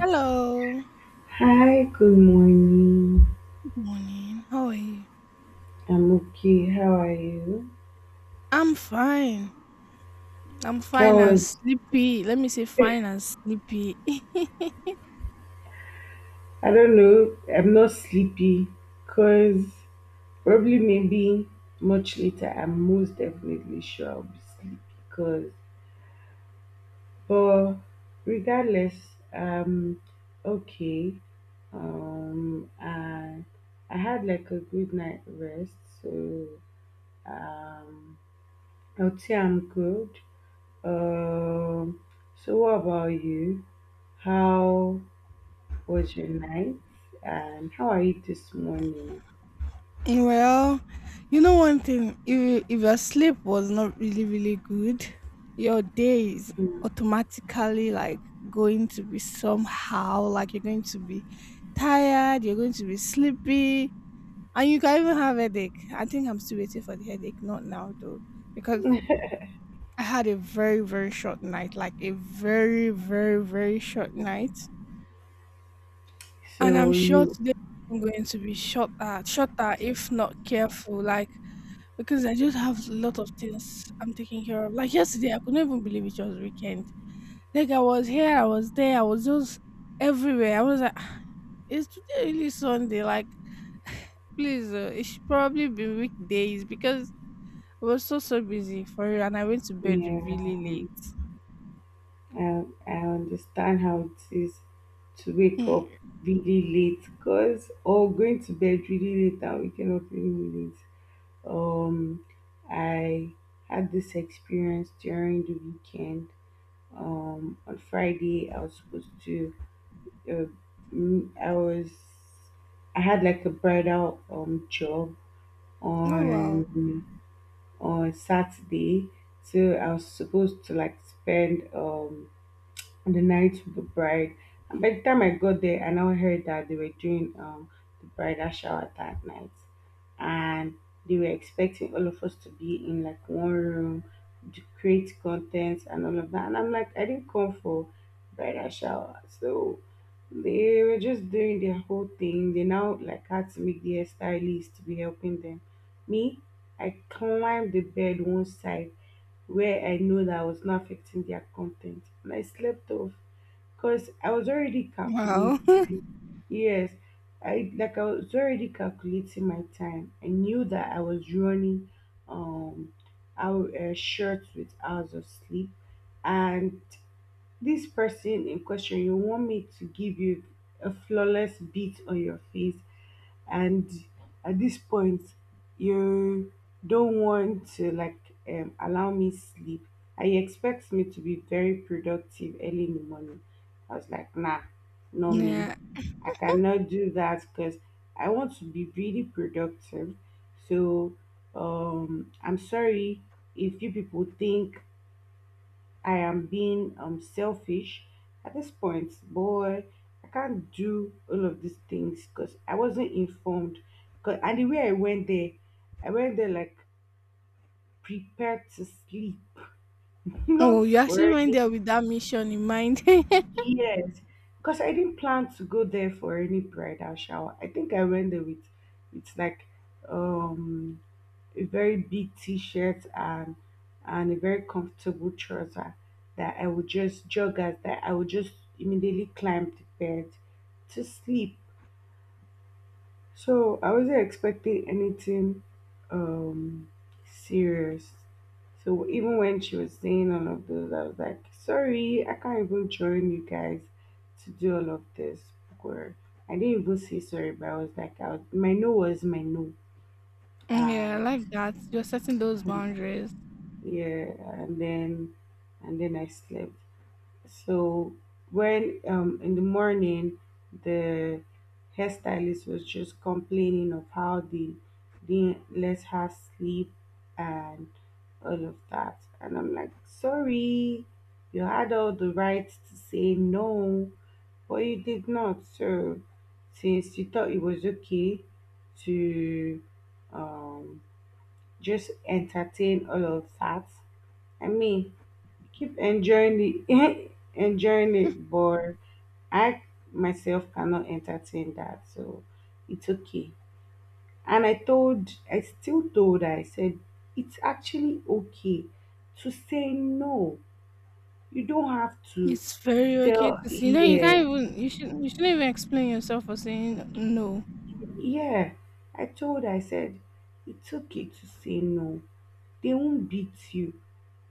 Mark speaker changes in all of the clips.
Speaker 1: Hello.
Speaker 2: Hi, good morning.
Speaker 1: Good morning. How are you?
Speaker 2: I'm okay. How are you?
Speaker 1: I'm fine. I'm
Speaker 2: I
Speaker 1: fine and
Speaker 2: was,
Speaker 1: sleepy. Let me say fine and sleepy.
Speaker 2: I don't know, I'm not sleepy because probably maybe much later, I'm most definitely sure I'll be sleepy because, but regardless, um, okay. And I had like a good night rest, so um, I'll say I'm good. Um, so what about you? How was your night? And how are you this morning?
Speaker 1: Well, you know one thing, if your sleep was not really really good, your day is
Speaker 2: Mm.
Speaker 1: automatically like going to be somehow like you're going to be tired, you're going to be sleepy, and you can even have headache. I think I'm still waiting for the headache, not now though. Because I had a very, very short night, like a very, very, very short night. And I'm
Speaker 2: So
Speaker 1: sure
Speaker 2: you,
Speaker 1: today I'm going to be shorter, shorter if not careful, like because I just have a lot of things I'm taking care of. Like yesterday, I couldn't even believe it was weekend. Like I was here, I was there, I was just everywhere. I was like, "Ah, is today really Sunday? Like, please, it should probably be weekdays because I was so so busy for real, and I went to bed
Speaker 2: yeah,
Speaker 1: really late."
Speaker 2: I understand how it is to wake up
Speaker 1: Mm.
Speaker 2: really late, cause or going to bed really late and waking up really late. Um, I had this experience during the weekend. On Friday I was supposed to, uh, mm, I was, I had like a bridal job
Speaker 1: Oh, wow.
Speaker 2: on on Saturday. So I was supposed to like spend on the night of the bride. And by the time I got there, I now heard that they were doing the bridal shower that night. And they were expecting all of us to be in like one room to create contents and all of that. And I'm like, I didn't come for bridal shower. So they were just doing their whole thing. They now like had to make their stylist to be helping them. Me, I climbed the bed one side where I know that I was not affecting their content. And I slept off because I was already
Speaker 1: Wow.
Speaker 2: calculating. Yes, I was already calculating my time. I knew that I was running um out short with hours of sleep, and this person in question, you want me to give you a flawless beat on your face and at this point you don't want to like allow me sleep, and you expect me to be very productive early in the morning. I was like, nah, no me,
Speaker 1: Yeah.
Speaker 2: I cannot do that because I want to be really productive. So I'm sorry if you people think I am being selfish at this point. Boy, I can't do all of these things because I wasn't informed. And the way I went there like prepared to sleep,
Speaker 1: Oh,
Speaker 2: not
Speaker 1: you
Speaker 2: for
Speaker 1: actually went
Speaker 2: any
Speaker 1: there with that mission in mind.
Speaker 2: years, because I didn't plan to go there for any bridal shower. I think I went there with like um a very big t-shirt and a very comfortable trouser that I would just joggers that I would just immediately climb the bed to sleep. So I wasn't expecting anything um serious. So even when she was saying all of those, I was like, sorry, I can't even join you guys to do all of this. Or I didn't even say sorry, but I was like, I was, my no was my no.
Speaker 1: Yeah, I
Speaker 2: And
Speaker 1: like that. You're setting those boundaries.
Speaker 2: yeah and then I slept. So when in the morning the hairstylist was just complaining of how they didn't let her sleep and all of that. And I'm like, sorry, you had all the rights to say no, but you did not. So since you thought it was okay to um just entertain all of that, I mean, keep enjoying it, enjoying it, but I myself cannot entertain that, so it's okay. I still told her, I said, it's actually okay to say no. You don't have to
Speaker 1: It's very okay
Speaker 2: tell,
Speaker 1: to see. No, you
Speaker 2: yes,
Speaker 1: can't even. You should. You shouldn't even explain yourself for saying no.
Speaker 2: yeah. I told her, I said, it's okay to say no. They won't beat you.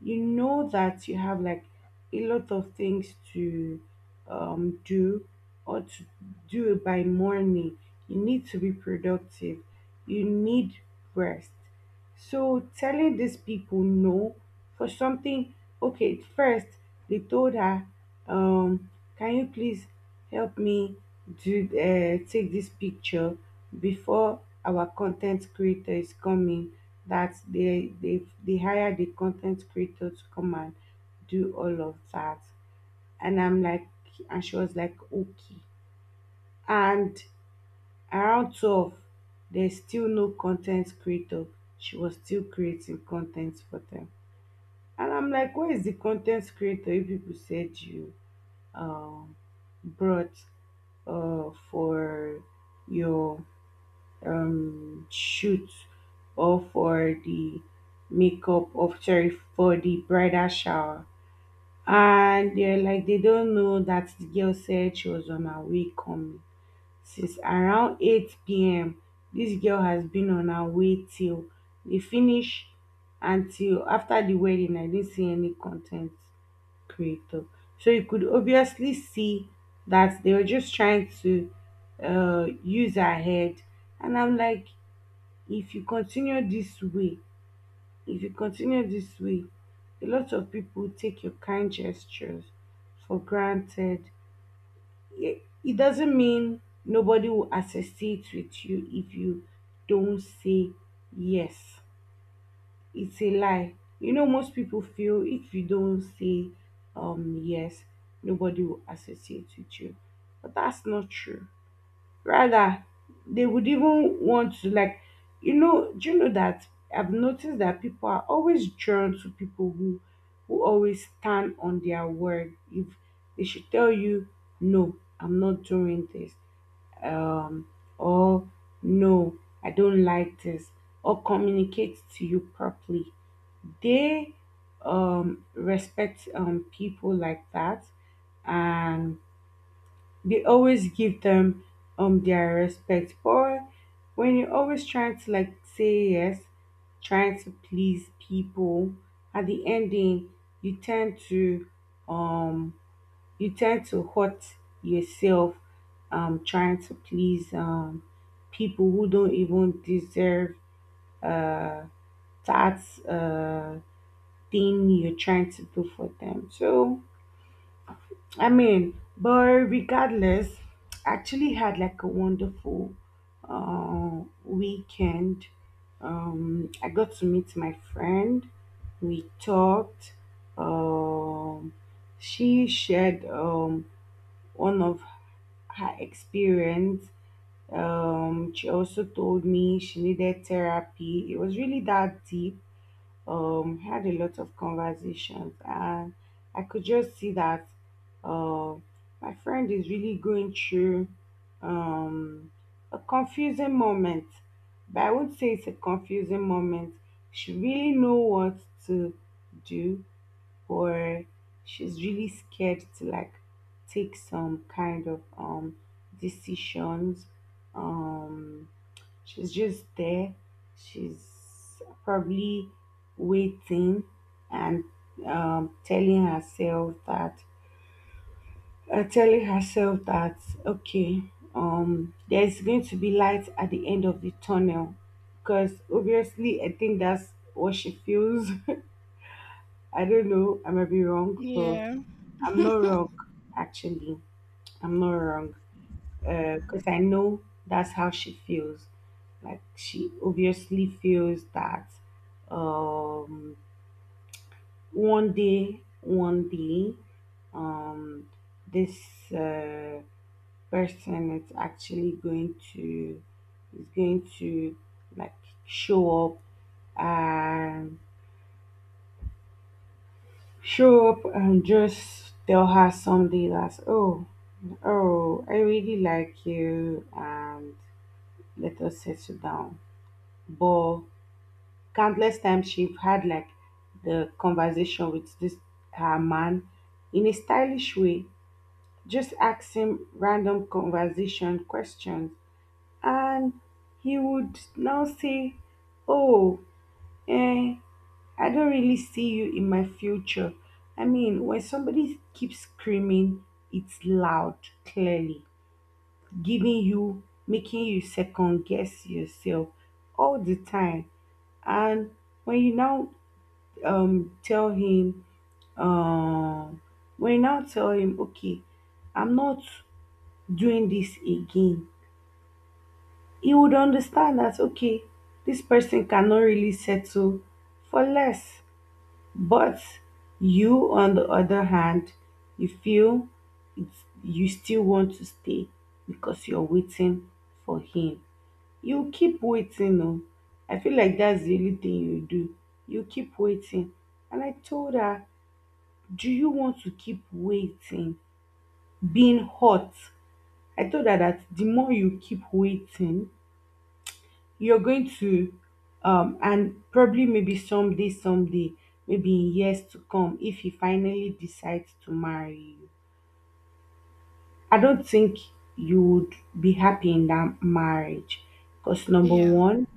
Speaker 2: You know that you have like a lot of things to do, or to do by morning. You need to be productive. You need rest. So telling these people no for something, okay, first they told her, um, can you please help me do take this picture before our content creator is coming? That they hire the content creator to come and do all of that. And I'm like, and she was like okay, and around 12 there's still no content creator. She was still creating content for them. And I'm like, where is the content creator you people said you um brought for your shoot, or for the makeup of, sorry, for the bridal shower? And they're like, they don't know. That the girl said she was on her way coming since around 8 p.m. This girl has been on her way till they finish. Until after the wedding I didn't see any content creator. So you could obviously see that they were just trying to use her head. And I'm like, if you continue this way if you continue this way, a lot of people take your kind gestures for granted. It doesn't mean nobody will associate with you if you don't say yes. It's a lie. You know, most people feel if you don't say yes, nobody will associate with you, but that's not true. Rather, they would even want to like, you know, do you know that I've noticed that people are always drawn to people who always stand on their word. If they should tell you, no, I'm not doing this, um, or no, I don't like this, or communicate to you properly, they respect people like that, and they always give them their respect. But when you're always trying to like say yes, trying to please people, at the ending you tend to um hurt yourself, trying to please people who don't even deserve uh that uh thing you're trying to do for them. So I mean, but regardless, actually had like a wonderful weekend. I got to meet my friend. We talked. Um, she shared one of her experience. She also told me she needed therapy. It was really that deep. Um, had a lot of conversations, and I could just see that uh, my friend is really going through um a confusing moment. But I won't say it's a confusing moment. She really know what to do, or she's really scared to like take some kind of decisions. Um, she's just there. She's probably waiting, and um, telling herself that telling herself that okay, there's going to be light at the end of the tunnel, because obviously I think that's what she feels. I don't know, I might be wrong, but
Speaker 1: Yeah.
Speaker 2: I'm not wrong actually, I'm not wrong, because I know that's how she feels. Like she obviously feels that um, one day, um, this person is actually going to is going to like show up and and just tell her someday that, oh, oh, I really like you, and let us settle down. But countless times she've had like the conversation with this her man, in a stylish way, just asking random conversation questions, and he would now say, "Oh, eh, I don't really see you in my future." I mean, when somebody keeps screaming, it's loud, clearly making you second guess yourself all the time. And when you now tell him um when I tell him okay, I'm not doing this again, he would understand that okay, this person cannot really settle for less. But you on the other hand, you feel you still want to stay because you're waiting for him. You keep waiting. Oh, I feel like that's the only thing you do. You keep waiting. And I told her, do you want to keep waiting, being hot? I told her that the more you keep waiting, you're going to and probably maybe someday, someday, maybe in years to come, if he finally decides to marry you, I don't think you would be happy in that marriage. Because number
Speaker 1: Yeah.
Speaker 2: one,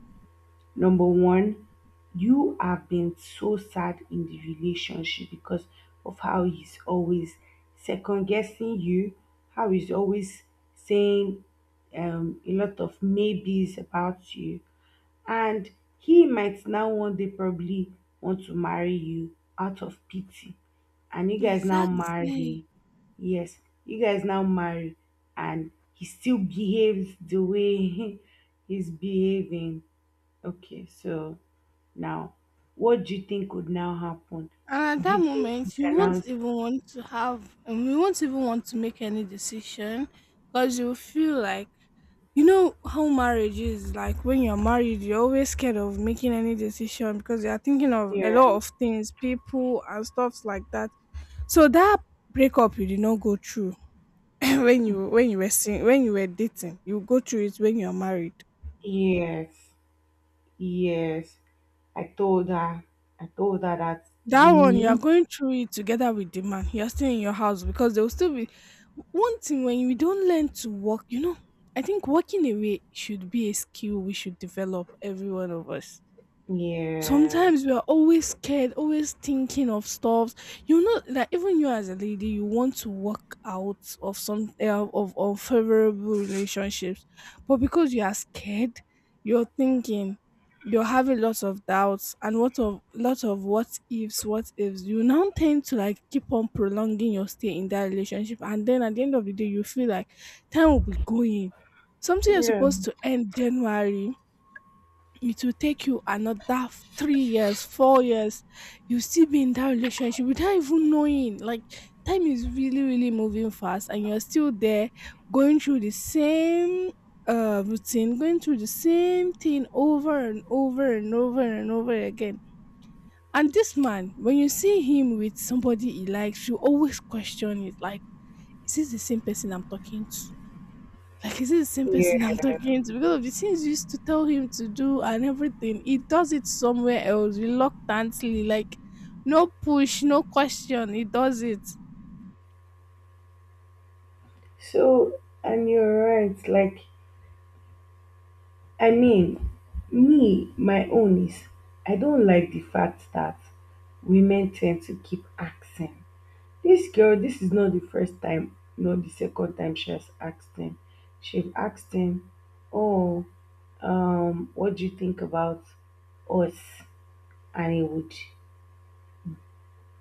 Speaker 2: Number one, you have been so sad in the relationship because of how he's always second guessing you, how he's always saying a lot of maybes about you. And he might now one day probably want to marry you out of pity. And you guys now
Speaker 1: Exactly.
Speaker 2: marry. Yes, you guys now marry. And he still behaves the way he's behaving. Okay, so now, what do you think would now happen?
Speaker 1: And at
Speaker 2: Do
Speaker 1: that
Speaker 2: you think you
Speaker 1: moment, you
Speaker 2: can
Speaker 1: won't
Speaker 2: now
Speaker 1: even want to have, and we won't even want to make any decision because you feel like, you know, how marriage is like when you're married, you're always scared of making any decision because you're thinking of a
Speaker 2: hear?
Speaker 1: lot of things, people, and stuffs like that. So that breakup you did not go through when you were dating, you go through it when you're married.
Speaker 2: Yes, yes. I told her. I told her that
Speaker 1: That
Speaker 2: you
Speaker 1: one you are
Speaker 2: need
Speaker 1: going through it together with the man. You're still in your house because there will still be one thing when we don't learn to walk, you know. I think walking away should be a skill we should develop, every one of us.
Speaker 2: yes.
Speaker 1: Sometimes we are always scared, always thinking of stuff. You know that even you as a lady, you want to walk out of unfavorable relationships, but because you are scared, you're thinking, you're having lots of doubts and what of lot of what ifs, what ifs. You now tend to like keep on prolonging your stay in that relationship, and then at the end of the day, you feel like time will be going. Something you're
Speaker 2: Yeah.
Speaker 1: supposed to end January, it will take you another 3 years, 4 years. You still be in that relationship without even knowing. Like time is really, really moving fast, and you're still there going through the same routine, going through the same thing over and over and over and over again. And this man, when you see him with somebody he likes, you always question it like, is this the same person I'm talking to? Like, is it the same
Speaker 2: Yeah.
Speaker 1: person I'm talking to? Because of the things you used to tell him to do and everything, he does it somewhere else reluctantly, like no push, no question. He does it.
Speaker 2: So, and you're right. Like, I mean, me, my own is, I don't like the fact that women tend to keep asking. This is not the first time, not the second time she has asked him. she asked him oh, what do you think about us? And he would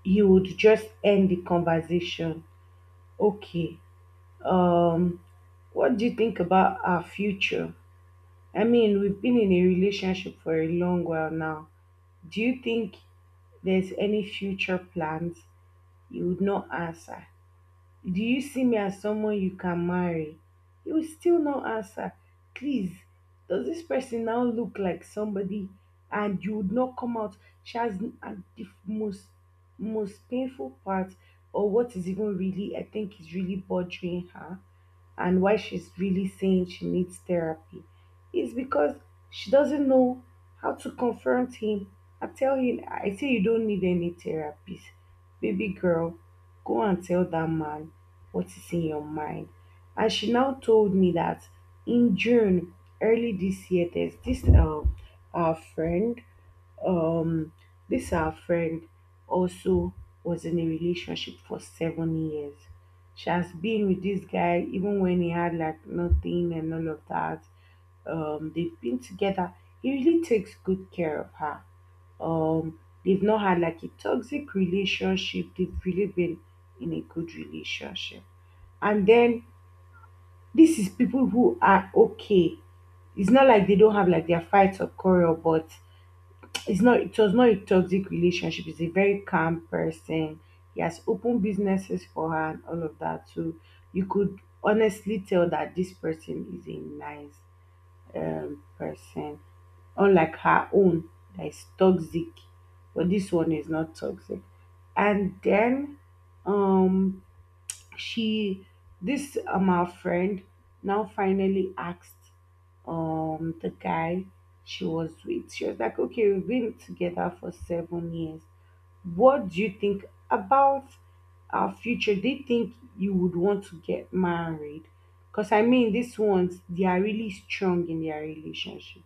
Speaker 2: he would just end the conversation. Okay, um what do you think about our future? I mean, we've been in a relationship for a long while now. Do you think there's any future plans? He would not answer. Do you see me as someone you can marry? He will still not answer. Please, does this person now look like somebody, and you would not come out? She has and the most painful part, or what is even really, I think, is really bothering her, and why she's really saying she needs therapy, is because she doesn't know how to confront him and tell him. I say you don't need any therapist. Baby girl, go and tell that man what is in your mind. And she now told me that in June, early this year, there's this our friend, um, this our friend also was in a relationship for 7 years. She has been with this guy even when he had like nothing and all of that. They've been together. He really takes good care of her. Um, they've not had like a toxic relationship. They've really been in a good relationship. And then this is people who are okay. It's not like they don't have like their fights or quarrel, but it was not a toxic relationship. He's a very calm person. He has opened businesses for her and all of that, so you could honestly tell that this person is a nice person, unlike her own that is toxic. But this one is not toxic. And then um she, this our friend, now finally asked the guy she was with. She was like, okay, we've been together for 7 years, what do you think about our future? Do you think you would want to get married? Because I mean, these ones, they are really strong in their relationship.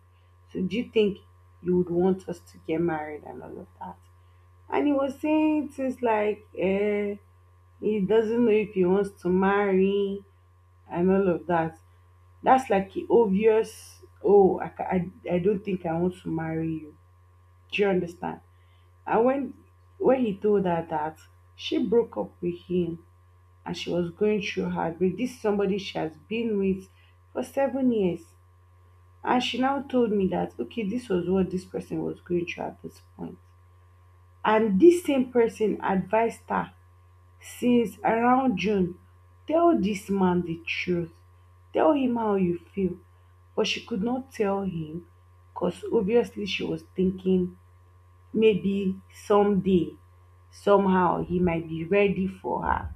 Speaker 2: So do you think you would want us to get married and all of that? And he was saying things like he doesn't know if he wants to marry and all of that. That's like a obvious, oh, I don't think I want to marry you. Do you understand? And when he told her that, she broke up with him, and she was going through heartbreak. This is somebody she has been with for 7 years. And she now told me that, okay, this was what this person was going through at this point. And this same person advised her since around June, tell this man the truth. Tell him how you feel. But she could not tell him because obviously she was thinking maybe someday, somehow, he might be ready for her.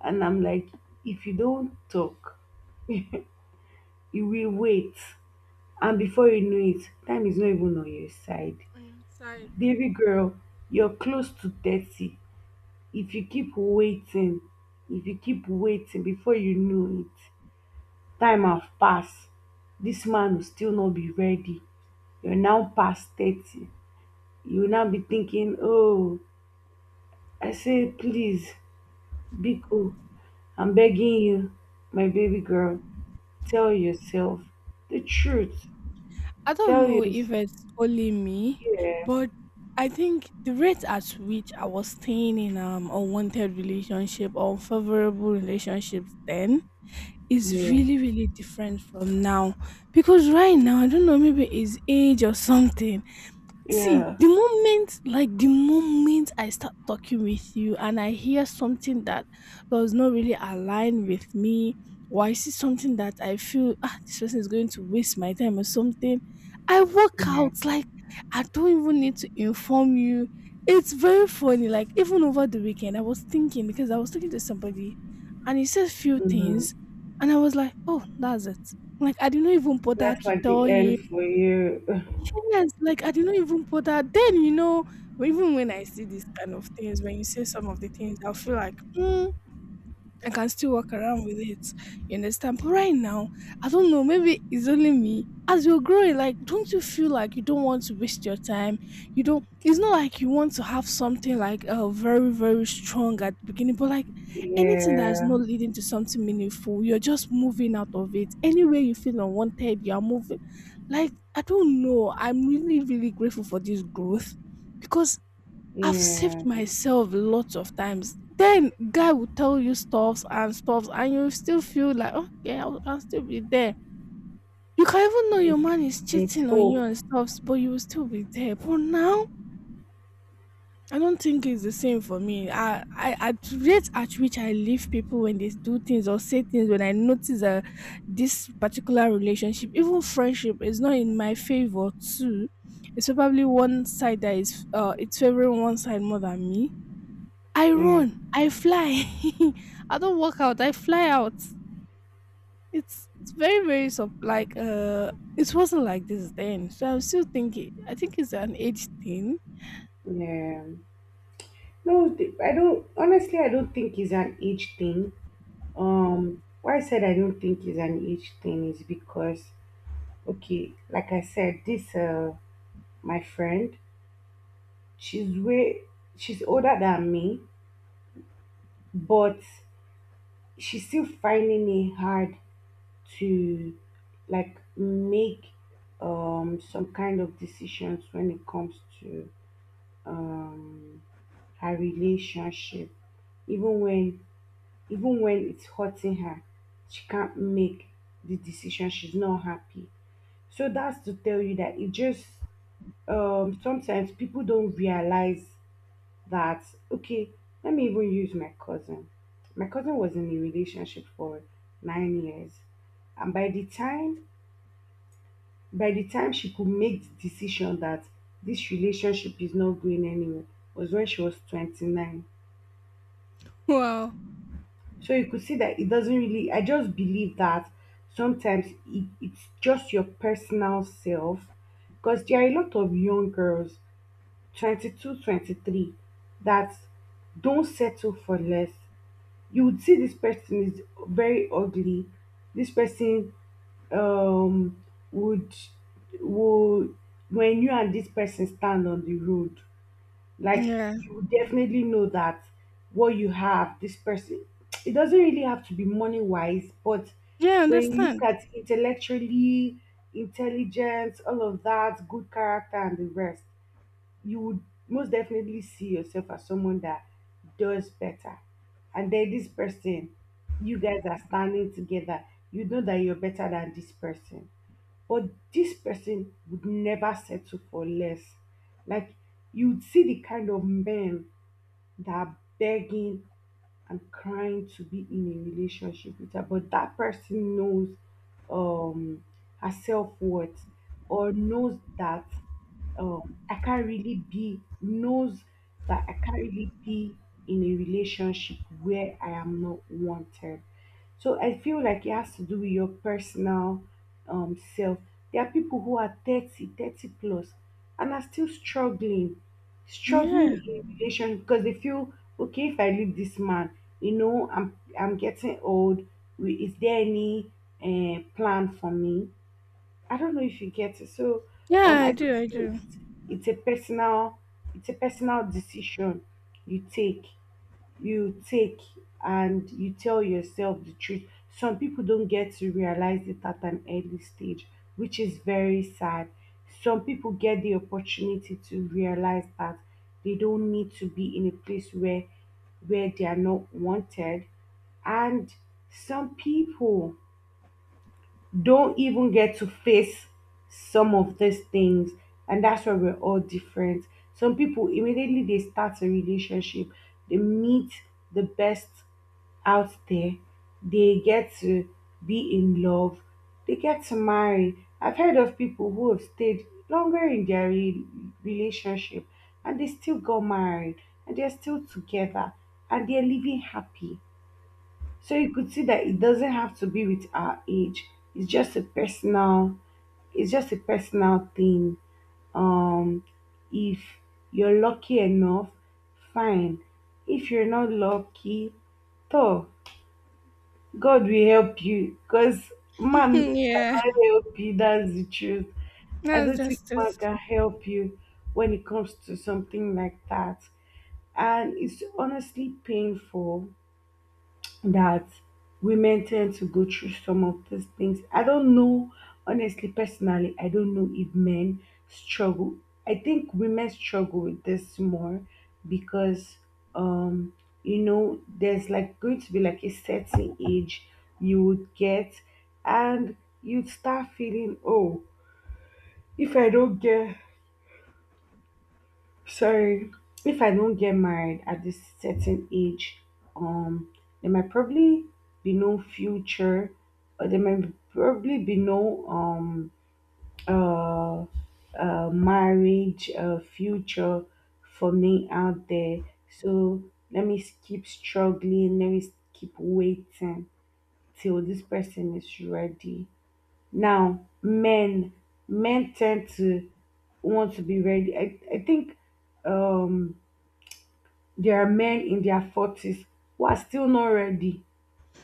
Speaker 2: And I'm like, if you don't talk, you will wait. And before you know it, time is not even on your side.
Speaker 1: I'm sorry.
Speaker 2: Baby girl, you're close to 30. If you keep waiting, if you keep waiting, before you know it, time have pass, this man will still not be ready, you are now past 30, you will now be thinking, "Oh." I say please, biko, I'm begging you, my baby girl, tell yourself the truth,
Speaker 1: I don't
Speaker 2: tell
Speaker 1: know
Speaker 2: yourself.
Speaker 1: if it's only me,
Speaker 2: Yeah,
Speaker 1: but I think the rate at which I was staying in unwanted relationship or unfavorable relationships then is
Speaker 2: yeah,
Speaker 1: really really different from now, because right now I don't know, maybe it's age or something. See,
Speaker 2: yeah,
Speaker 1: the moment, like the moment I start talking with you and I hear something that does not really align with me, or I see something that I feel, ah, this person is going to waste my time or something, I walk
Speaker 2: yeah,
Speaker 1: out. Like, I don't even need to inform you. It's very funny. Like, even over the weekend, I was thinking because I was talking to somebody and he said few things,
Speaker 2: mhm,
Speaker 1: and I was like, oh, that's it. Like, I didn't even bother
Speaker 2: that's
Speaker 1: to
Speaker 2: like
Speaker 1: tell
Speaker 2: the
Speaker 1: him.
Speaker 2: end for you.
Speaker 1: Yes, like I did not even put that. Then you know, even when I see these kind of things, when you say some of the things, I'll feel like, I can still walk around with it. You understand? But right now, I don't know. Maybe it's only me. As you're growing, like, don't you feel like you don't want to waste your time? You don't. It's not like you want to have something like very, very strong at the beginning, but like anything that is
Speaker 2: Yeah,
Speaker 1: not leading to something meaningful, you're just moving out of it. Anywhere you feel unwanted, you're moving. Like, I don't know. I'm really, really grateful for this growth because I've saved
Speaker 2: yeah,
Speaker 1: myself lots of times. Then guy will tell you stuffs and stuffs, and you still feel like okay, I'll still be there. You can even know your man is
Speaker 2: it's
Speaker 1: cheating on you
Speaker 2: hope,
Speaker 1: and stuffs, but you will still be there. But now, I don't think it's the same for me. I at rate at which I leave people when they do things or say things when I notice that this particular relationship, even friendship, is not in my favor too. It's probably one side that is it's favoring one side more than me. I
Speaker 2: yeah,
Speaker 1: run, I fly. I don't walk out, I fly out. It's very very sub like it wasn't like this then. So I'm still thinking. I think it's an age thing.
Speaker 2: yeah. No, I don't. Honestly, I don't think it's an age thing. Why I said I don't think it's an age thing is because, okay, like I said, this my friend, she's way, she's older than me, but she's still finding it hard to, like, make some kind of decisions when it comes to um her relationship. Even when even when it's hurting her, she can't make the decision. She's not happy. So that's to tell you that it just, sometimes people don't realize that, okay, let me even use my cousin. My cousin was in a relationship for 9 years, and by the time she could make the decision that this relationship is not going anywhere was when she was 29.
Speaker 1: Wow.
Speaker 2: So you could see that it doesn't really, I just believe that sometimes it's just your personal self. Because there are a lot of young girls, 22, 23, that don't settle for less. You would see this person is very ugly. This person um would, would when you and this person stand on the road, like,
Speaker 1: Yeah.
Speaker 2: you definitely know that what you have, this person, it doesn't really have to be money wise, but
Speaker 1: Yeah, I
Speaker 2: when you look
Speaker 1: understand.
Speaker 2: at intellectually, intelligence, all of that, good character and the rest, you would most definitely see yourself as someone that does better. And then this person, you guys are standing together, you know that you're better than this person, but this person would never settle for less. Like, you'd see the kind of men that are begging and crying to be in a relationship with her, but that person knows um her self worth, or knows that um I can't really be knows I can't really be in a relationship where I am not wanted. So I feel like it has to do with your personal, self. There are people who are 30, 30 plus, and are still struggling,
Speaker 1: Yeah.
Speaker 2: struggling in relation because they feel, okay, if I leave this man, you know, I'm getting old. Is there any plan for me? I don't know if you get it. So
Speaker 1: Yeah, I
Speaker 2: I just
Speaker 1: do, I
Speaker 2: feel
Speaker 1: do.
Speaker 2: it's a personal, it's a personal, decision you take, you take and you tell yourself the truth. Some people don't get to realize it at an early stage, which is very sad. Some people get the opportunity to realize that they don't need to be in a place where they are not wanted, and some people don't even get to face some of these things. And that's why we're all different. Some people, immediately they start a relationship, they meet the best out there, they get to be in love, they get to marry. I've heard of people who have stayed longer in their relationship and they still got married and they're still together and they're living happy. So you could see that it doesn't have to be with our age. It's just a personal thing. Um if you're lucky enough, fine. If you're not lucky, though, God will help you because man
Speaker 1: Yeah.
Speaker 2: cannot help you. That's the truth. I
Speaker 1: That's
Speaker 2: don't think
Speaker 1: just it.
Speaker 2: man can help you when it comes to something like that. And it's honestly painful that women tend to go through some of these things. I don't know, honestly, personally, I don't know if men struggle. I think women struggle with this more because, um, you know, there's like going to be like a certain age you would get, and you'd start feeling, oh, if I don't get so if I don't get married at this certain age, um, there might probably be no future, or there might probably be no uh, marriage future for me out there. So let me keep struggling. Let me keep waiting till this person is ready. Now, men tend to want to be ready. I think um there are men in their 40s who are still not ready.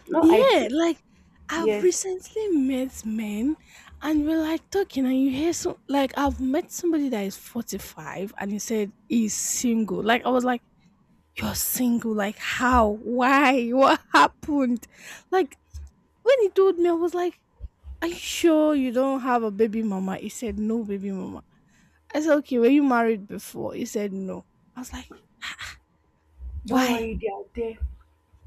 Speaker 2: No
Speaker 1: Yeah,
Speaker 2: IT.
Speaker 1: like I've
Speaker 2: Yes.
Speaker 1: recently met men and we're like talking and you hear so like I've met somebody that is 45 and he said he's single. Like I was like you're single. Like, how? Why? What happened? Like, when he told me, I was like, "Are you sure you don't have a baby mama?" He said, "No, baby mama." I said, "Okay, were you married before?" He said, "No." I was like,
Speaker 2: Don't
Speaker 1: "Why?"
Speaker 2: worry, they are there.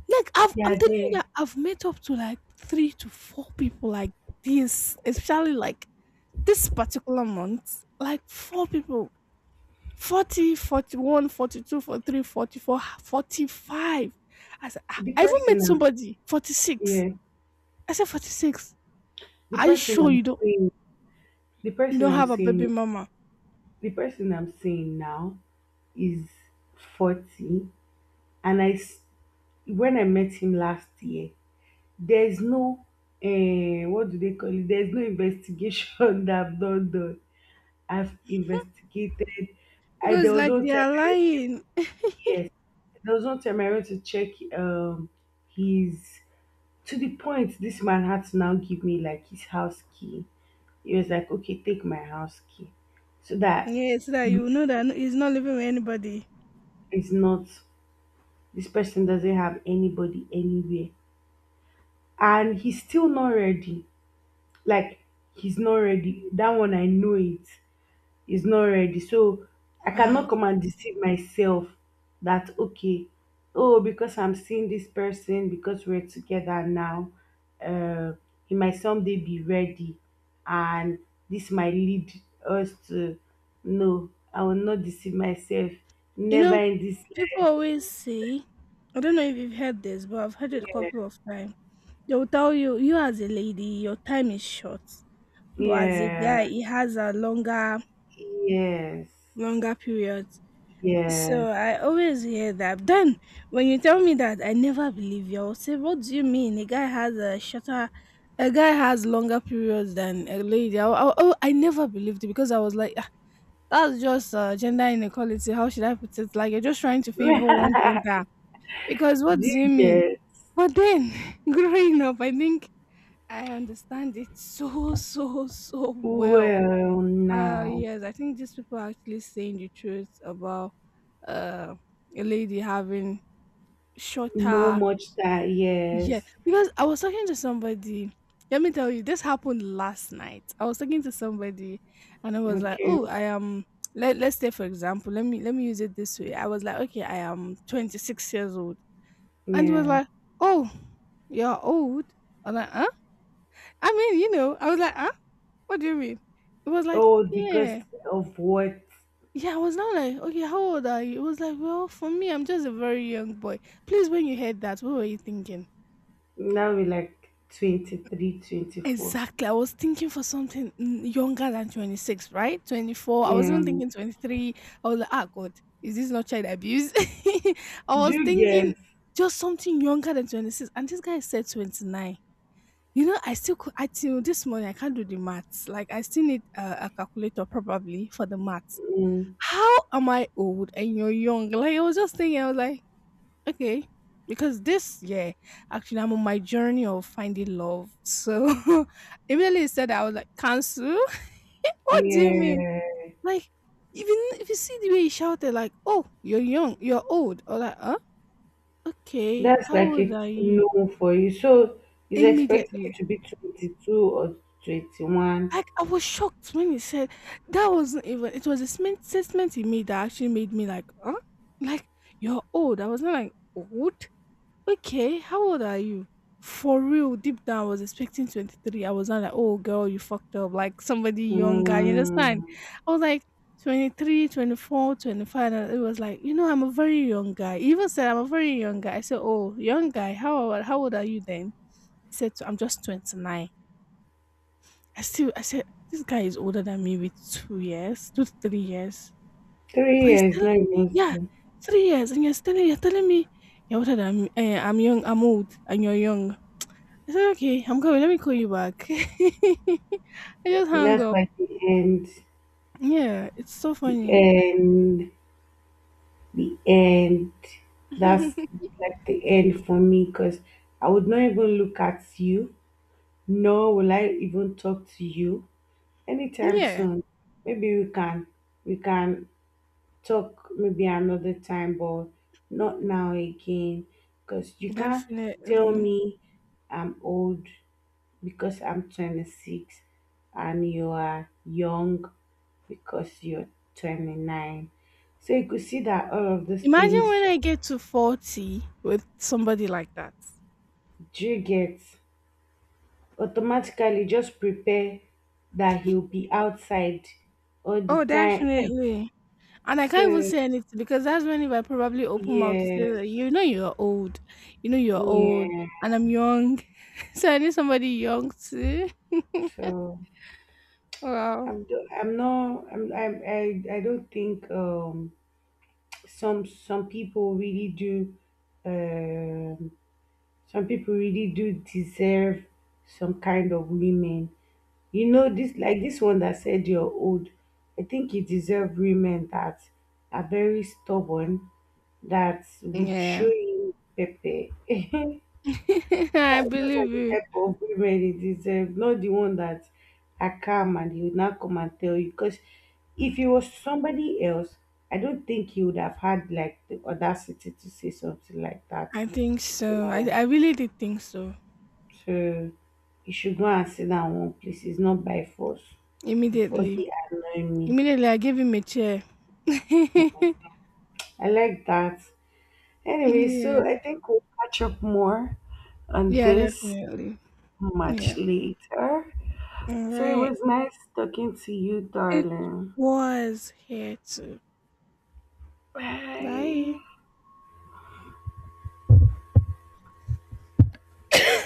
Speaker 1: Like,
Speaker 2: They
Speaker 1: I'm
Speaker 2: are
Speaker 1: telling you
Speaker 2: there.
Speaker 1: that I've met up to like three to four people like this, especially like this particular month. Like, four people. 40, 41, 42, 43, 44, 45. I said, ah,
Speaker 2: The
Speaker 1: I even met
Speaker 2: person I'm
Speaker 1: somebody, 46.
Speaker 2: Yeah.
Speaker 1: I said, 46.
Speaker 2: The
Speaker 1: Are you
Speaker 2: person
Speaker 1: sure
Speaker 2: I'm
Speaker 1: you don't
Speaker 2: seeing, the
Speaker 1: you
Speaker 2: person
Speaker 1: don't
Speaker 2: I'm
Speaker 1: have a
Speaker 2: seeing
Speaker 1: baby
Speaker 2: is
Speaker 1: mama?
Speaker 2: the person I'm seeing now is 40. And when I met him last year, there's no what do they call it? There's no investigation that I've not done. I've investigated. I There
Speaker 1: Because
Speaker 2: was
Speaker 1: like
Speaker 2: one
Speaker 1: they
Speaker 2: time
Speaker 1: are
Speaker 2: I went
Speaker 1: lying.
Speaker 2: to. There was one time I went to Check um his to the point this man had to now give me like his house key. He was like, okay, take my house key, so that
Speaker 1: Yeah, so that
Speaker 2: you,
Speaker 1: you know that no, he's not living with anybody.
Speaker 2: is not this person doesn't have anybody anywhere. And he's still not ready. Like, he's not ready. That one I know, it is not ready. So I
Speaker 1: Wow.
Speaker 2: cannot come and deceive myself that, okay, oh, because I'm seeing this person, because we're together now, uh, he might someday be ready, and this might lead us to, no, I will not deceive myself.
Speaker 1: You
Speaker 2: Never
Speaker 1: know,
Speaker 2: in this
Speaker 1: people always say, I don't know if you've heard this, but I've heard it a
Speaker 2: life.
Speaker 1: couple of times. They will tell you, you as a lady, your time is short. But as a guy,
Speaker 2: Yeah.
Speaker 1: he has a longer,
Speaker 2: Yes.
Speaker 1: longer period. So
Speaker 2: Yes.
Speaker 1: I always hear that. Then when you tell me that, I never believe you. I'll say, "What do you mean? A guy has a shorter, a guy has longer periods than a lady." Oh, I never believed it because I was like, "Ah, that's just gender inequality." How should I put it? Like you're just trying to
Speaker 2: Do
Speaker 1: favor one gender because what
Speaker 2: you
Speaker 1: do you mean?
Speaker 2: get
Speaker 1: But then growing up, I think I understand it so so so well.
Speaker 2: well now?
Speaker 1: Yes, I think these people are actually saying the truth about uh, a lady having
Speaker 2: No
Speaker 1: shorter.
Speaker 2: much that,
Speaker 1: Yeah,
Speaker 2: yes.
Speaker 1: because I was talking to somebody. Let me tell you, this happened last night. I was talking to somebody, and I was like,
Speaker 2: Okay.
Speaker 1: "Oh, I am." Let's say, for example, let me use it this way. I was like, "Okay, I am 26 years old," and he was
Speaker 2: Yeah.
Speaker 1: like, "Oh, you're old." I was like, "Huh?" I mean, I was like, "Huh? What do you mean?" It was like,
Speaker 2: Oh, because
Speaker 1: "Yeah."
Speaker 2: of what?
Speaker 1: Yeah, I was now like, okay, how old are you? It was like, well, for me, I'm just a very young boy. Please, when you heard that, what were you thinking?
Speaker 2: Now we're like 23, 24.
Speaker 1: Exactly. I was thinking for something younger than 26, right? 24. I was
Speaker 2: Yeah.
Speaker 1: even thinking 23. I was like, ah, God, is this not child abuse? I
Speaker 2: Do
Speaker 1: was
Speaker 2: you
Speaker 1: thinking
Speaker 2: get?
Speaker 1: just something younger than 26. And this guy said 29. You know, I till this morning, I can't do the maths. Like, I still need a calculator probably for the maths.
Speaker 2: Mm,
Speaker 1: How am I old and you're young? Like, I was just thinking, I was like, okay. Because this year, actually, I'm on my journey of finding love. So immediately he said, I was like, cancel? What do you mean?
Speaker 2: yeah.
Speaker 1: Like, even if you see the way he shouted, like, oh, you're young, you're old. Or like, huh? Okay,
Speaker 2: That's
Speaker 1: how
Speaker 2: like
Speaker 1: old
Speaker 2: a
Speaker 1: are you?
Speaker 2: no for you. So he's expecting you
Speaker 1: Immediately.
Speaker 2: to be 22 or 21.
Speaker 1: Like, I was shocked when he said, that wasn't even, it was a statement he made that actually made me like, huh? Like, you're old. I was not like, old? Okay, how old are you? For real, deep down, I was expecting 23. I was not like, oh, girl, you fucked up. Like somebody younger, you understand?
Speaker 2: Mm,
Speaker 1: I was like 23, 24, 25. And it was like, you know, I'm a very young guy. He even said, I'm a very young guy. I said, oh, young guy, how old are you then? He said, "So, I'm just 29. I said, this guy is older than me with 2 years, 2 to 3 years.
Speaker 2: three
Speaker 1: But he's
Speaker 2: years, not
Speaker 1: telling me,
Speaker 2: even
Speaker 1: yeah,
Speaker 2: so.
Speaker 1: 3 years. And you're telling me, you're older than me. I'm young, I'm old, and you're young. I said, "Okay, I'm coming. Let me call you back." I just hung
Speaker 2: That's
Speaker 1: up.
Speaker 2: like the end.
Speaker 1: Yeah, it's so
Speaker 2: The
Speaker 1: funny.
Speaker 2: end. The end. That's like the end for me because I would not even look at you. Nor will I even talk to you anytime
Speaker 1: Yeah,
Speaker 2: soon. Maybe we can talk maybe another time, but not now again. Because you can't tell
Speaker 1: definitely.
Speaker 2: me I'm old because I'm 26 and you are young because you're 29. So you could see that all of those
Speaker 1: Imagine
Speaker 2: things
Speaker 1: when I get to 40 with somebody like that.
Speaker 2: do you get, automatically just prepare that he'll be outside all the
Speaker 1: Oh,
Speaker 2: time.
Speaker 1: definitely. And I can't even
Speaker 2: So
Speaker 1: say anything because that's when if I probably open mouth to say
Speaker 2: yes,
Speaker 1: that you know you're old. You know you're old
Speaker 2: yeah.
Speaker 1: and I'm young. So I need somebody young too.
Speaker 2: So
Speaker 1: Wow.
Speaker 2: I'm do- I'm not I'm, I'm I don't think some people really do, um deserve some kind of women. You know, this, like, this one that said you're old, I think you deserve women that are very stubborn, that would show
Speaker 1: Yeah.
Speaker 2: you pepe.
Speaker 1: I
Speaker 2: Those
Speaker 1: believe
Speaker 2: are the
Speaker 1: you.
Speaker 2: type of women it deserve, not the one that are calm and he will not come and tell you. Because if he was somebody else, I don't think he would have had like the audacity to say something like that.
Speaker 1: I think so. I,
Speaker 2: So,
Speaker 1: I really did think so.
Speaker 2: so, you should go and sit down one place. It's not by force. Before
Speaker 1: Immediately.
Speaker 2: he annoy me.
Speaker 1: Immediately, I gave him a chair.
Speaker 2: I like that. Anyway, so I
Speaker 1: Yeah.
Speaker 2: think we'll catch up more on
Speaker 1: Yeah,
Speaker 2: this
Speaker 1: definitely.
Speaker 2: much
Speaker 1: Yeah.
Speaker 2: later.
Speaker 1: All
Speaker 2: So it
Speaker 1: right.
Speaker 2: was nice talking to you,
Speaker 1: It
Speaker 2: darling.
Speaker 1: was here too. Bye.
Speaker 2: Bye.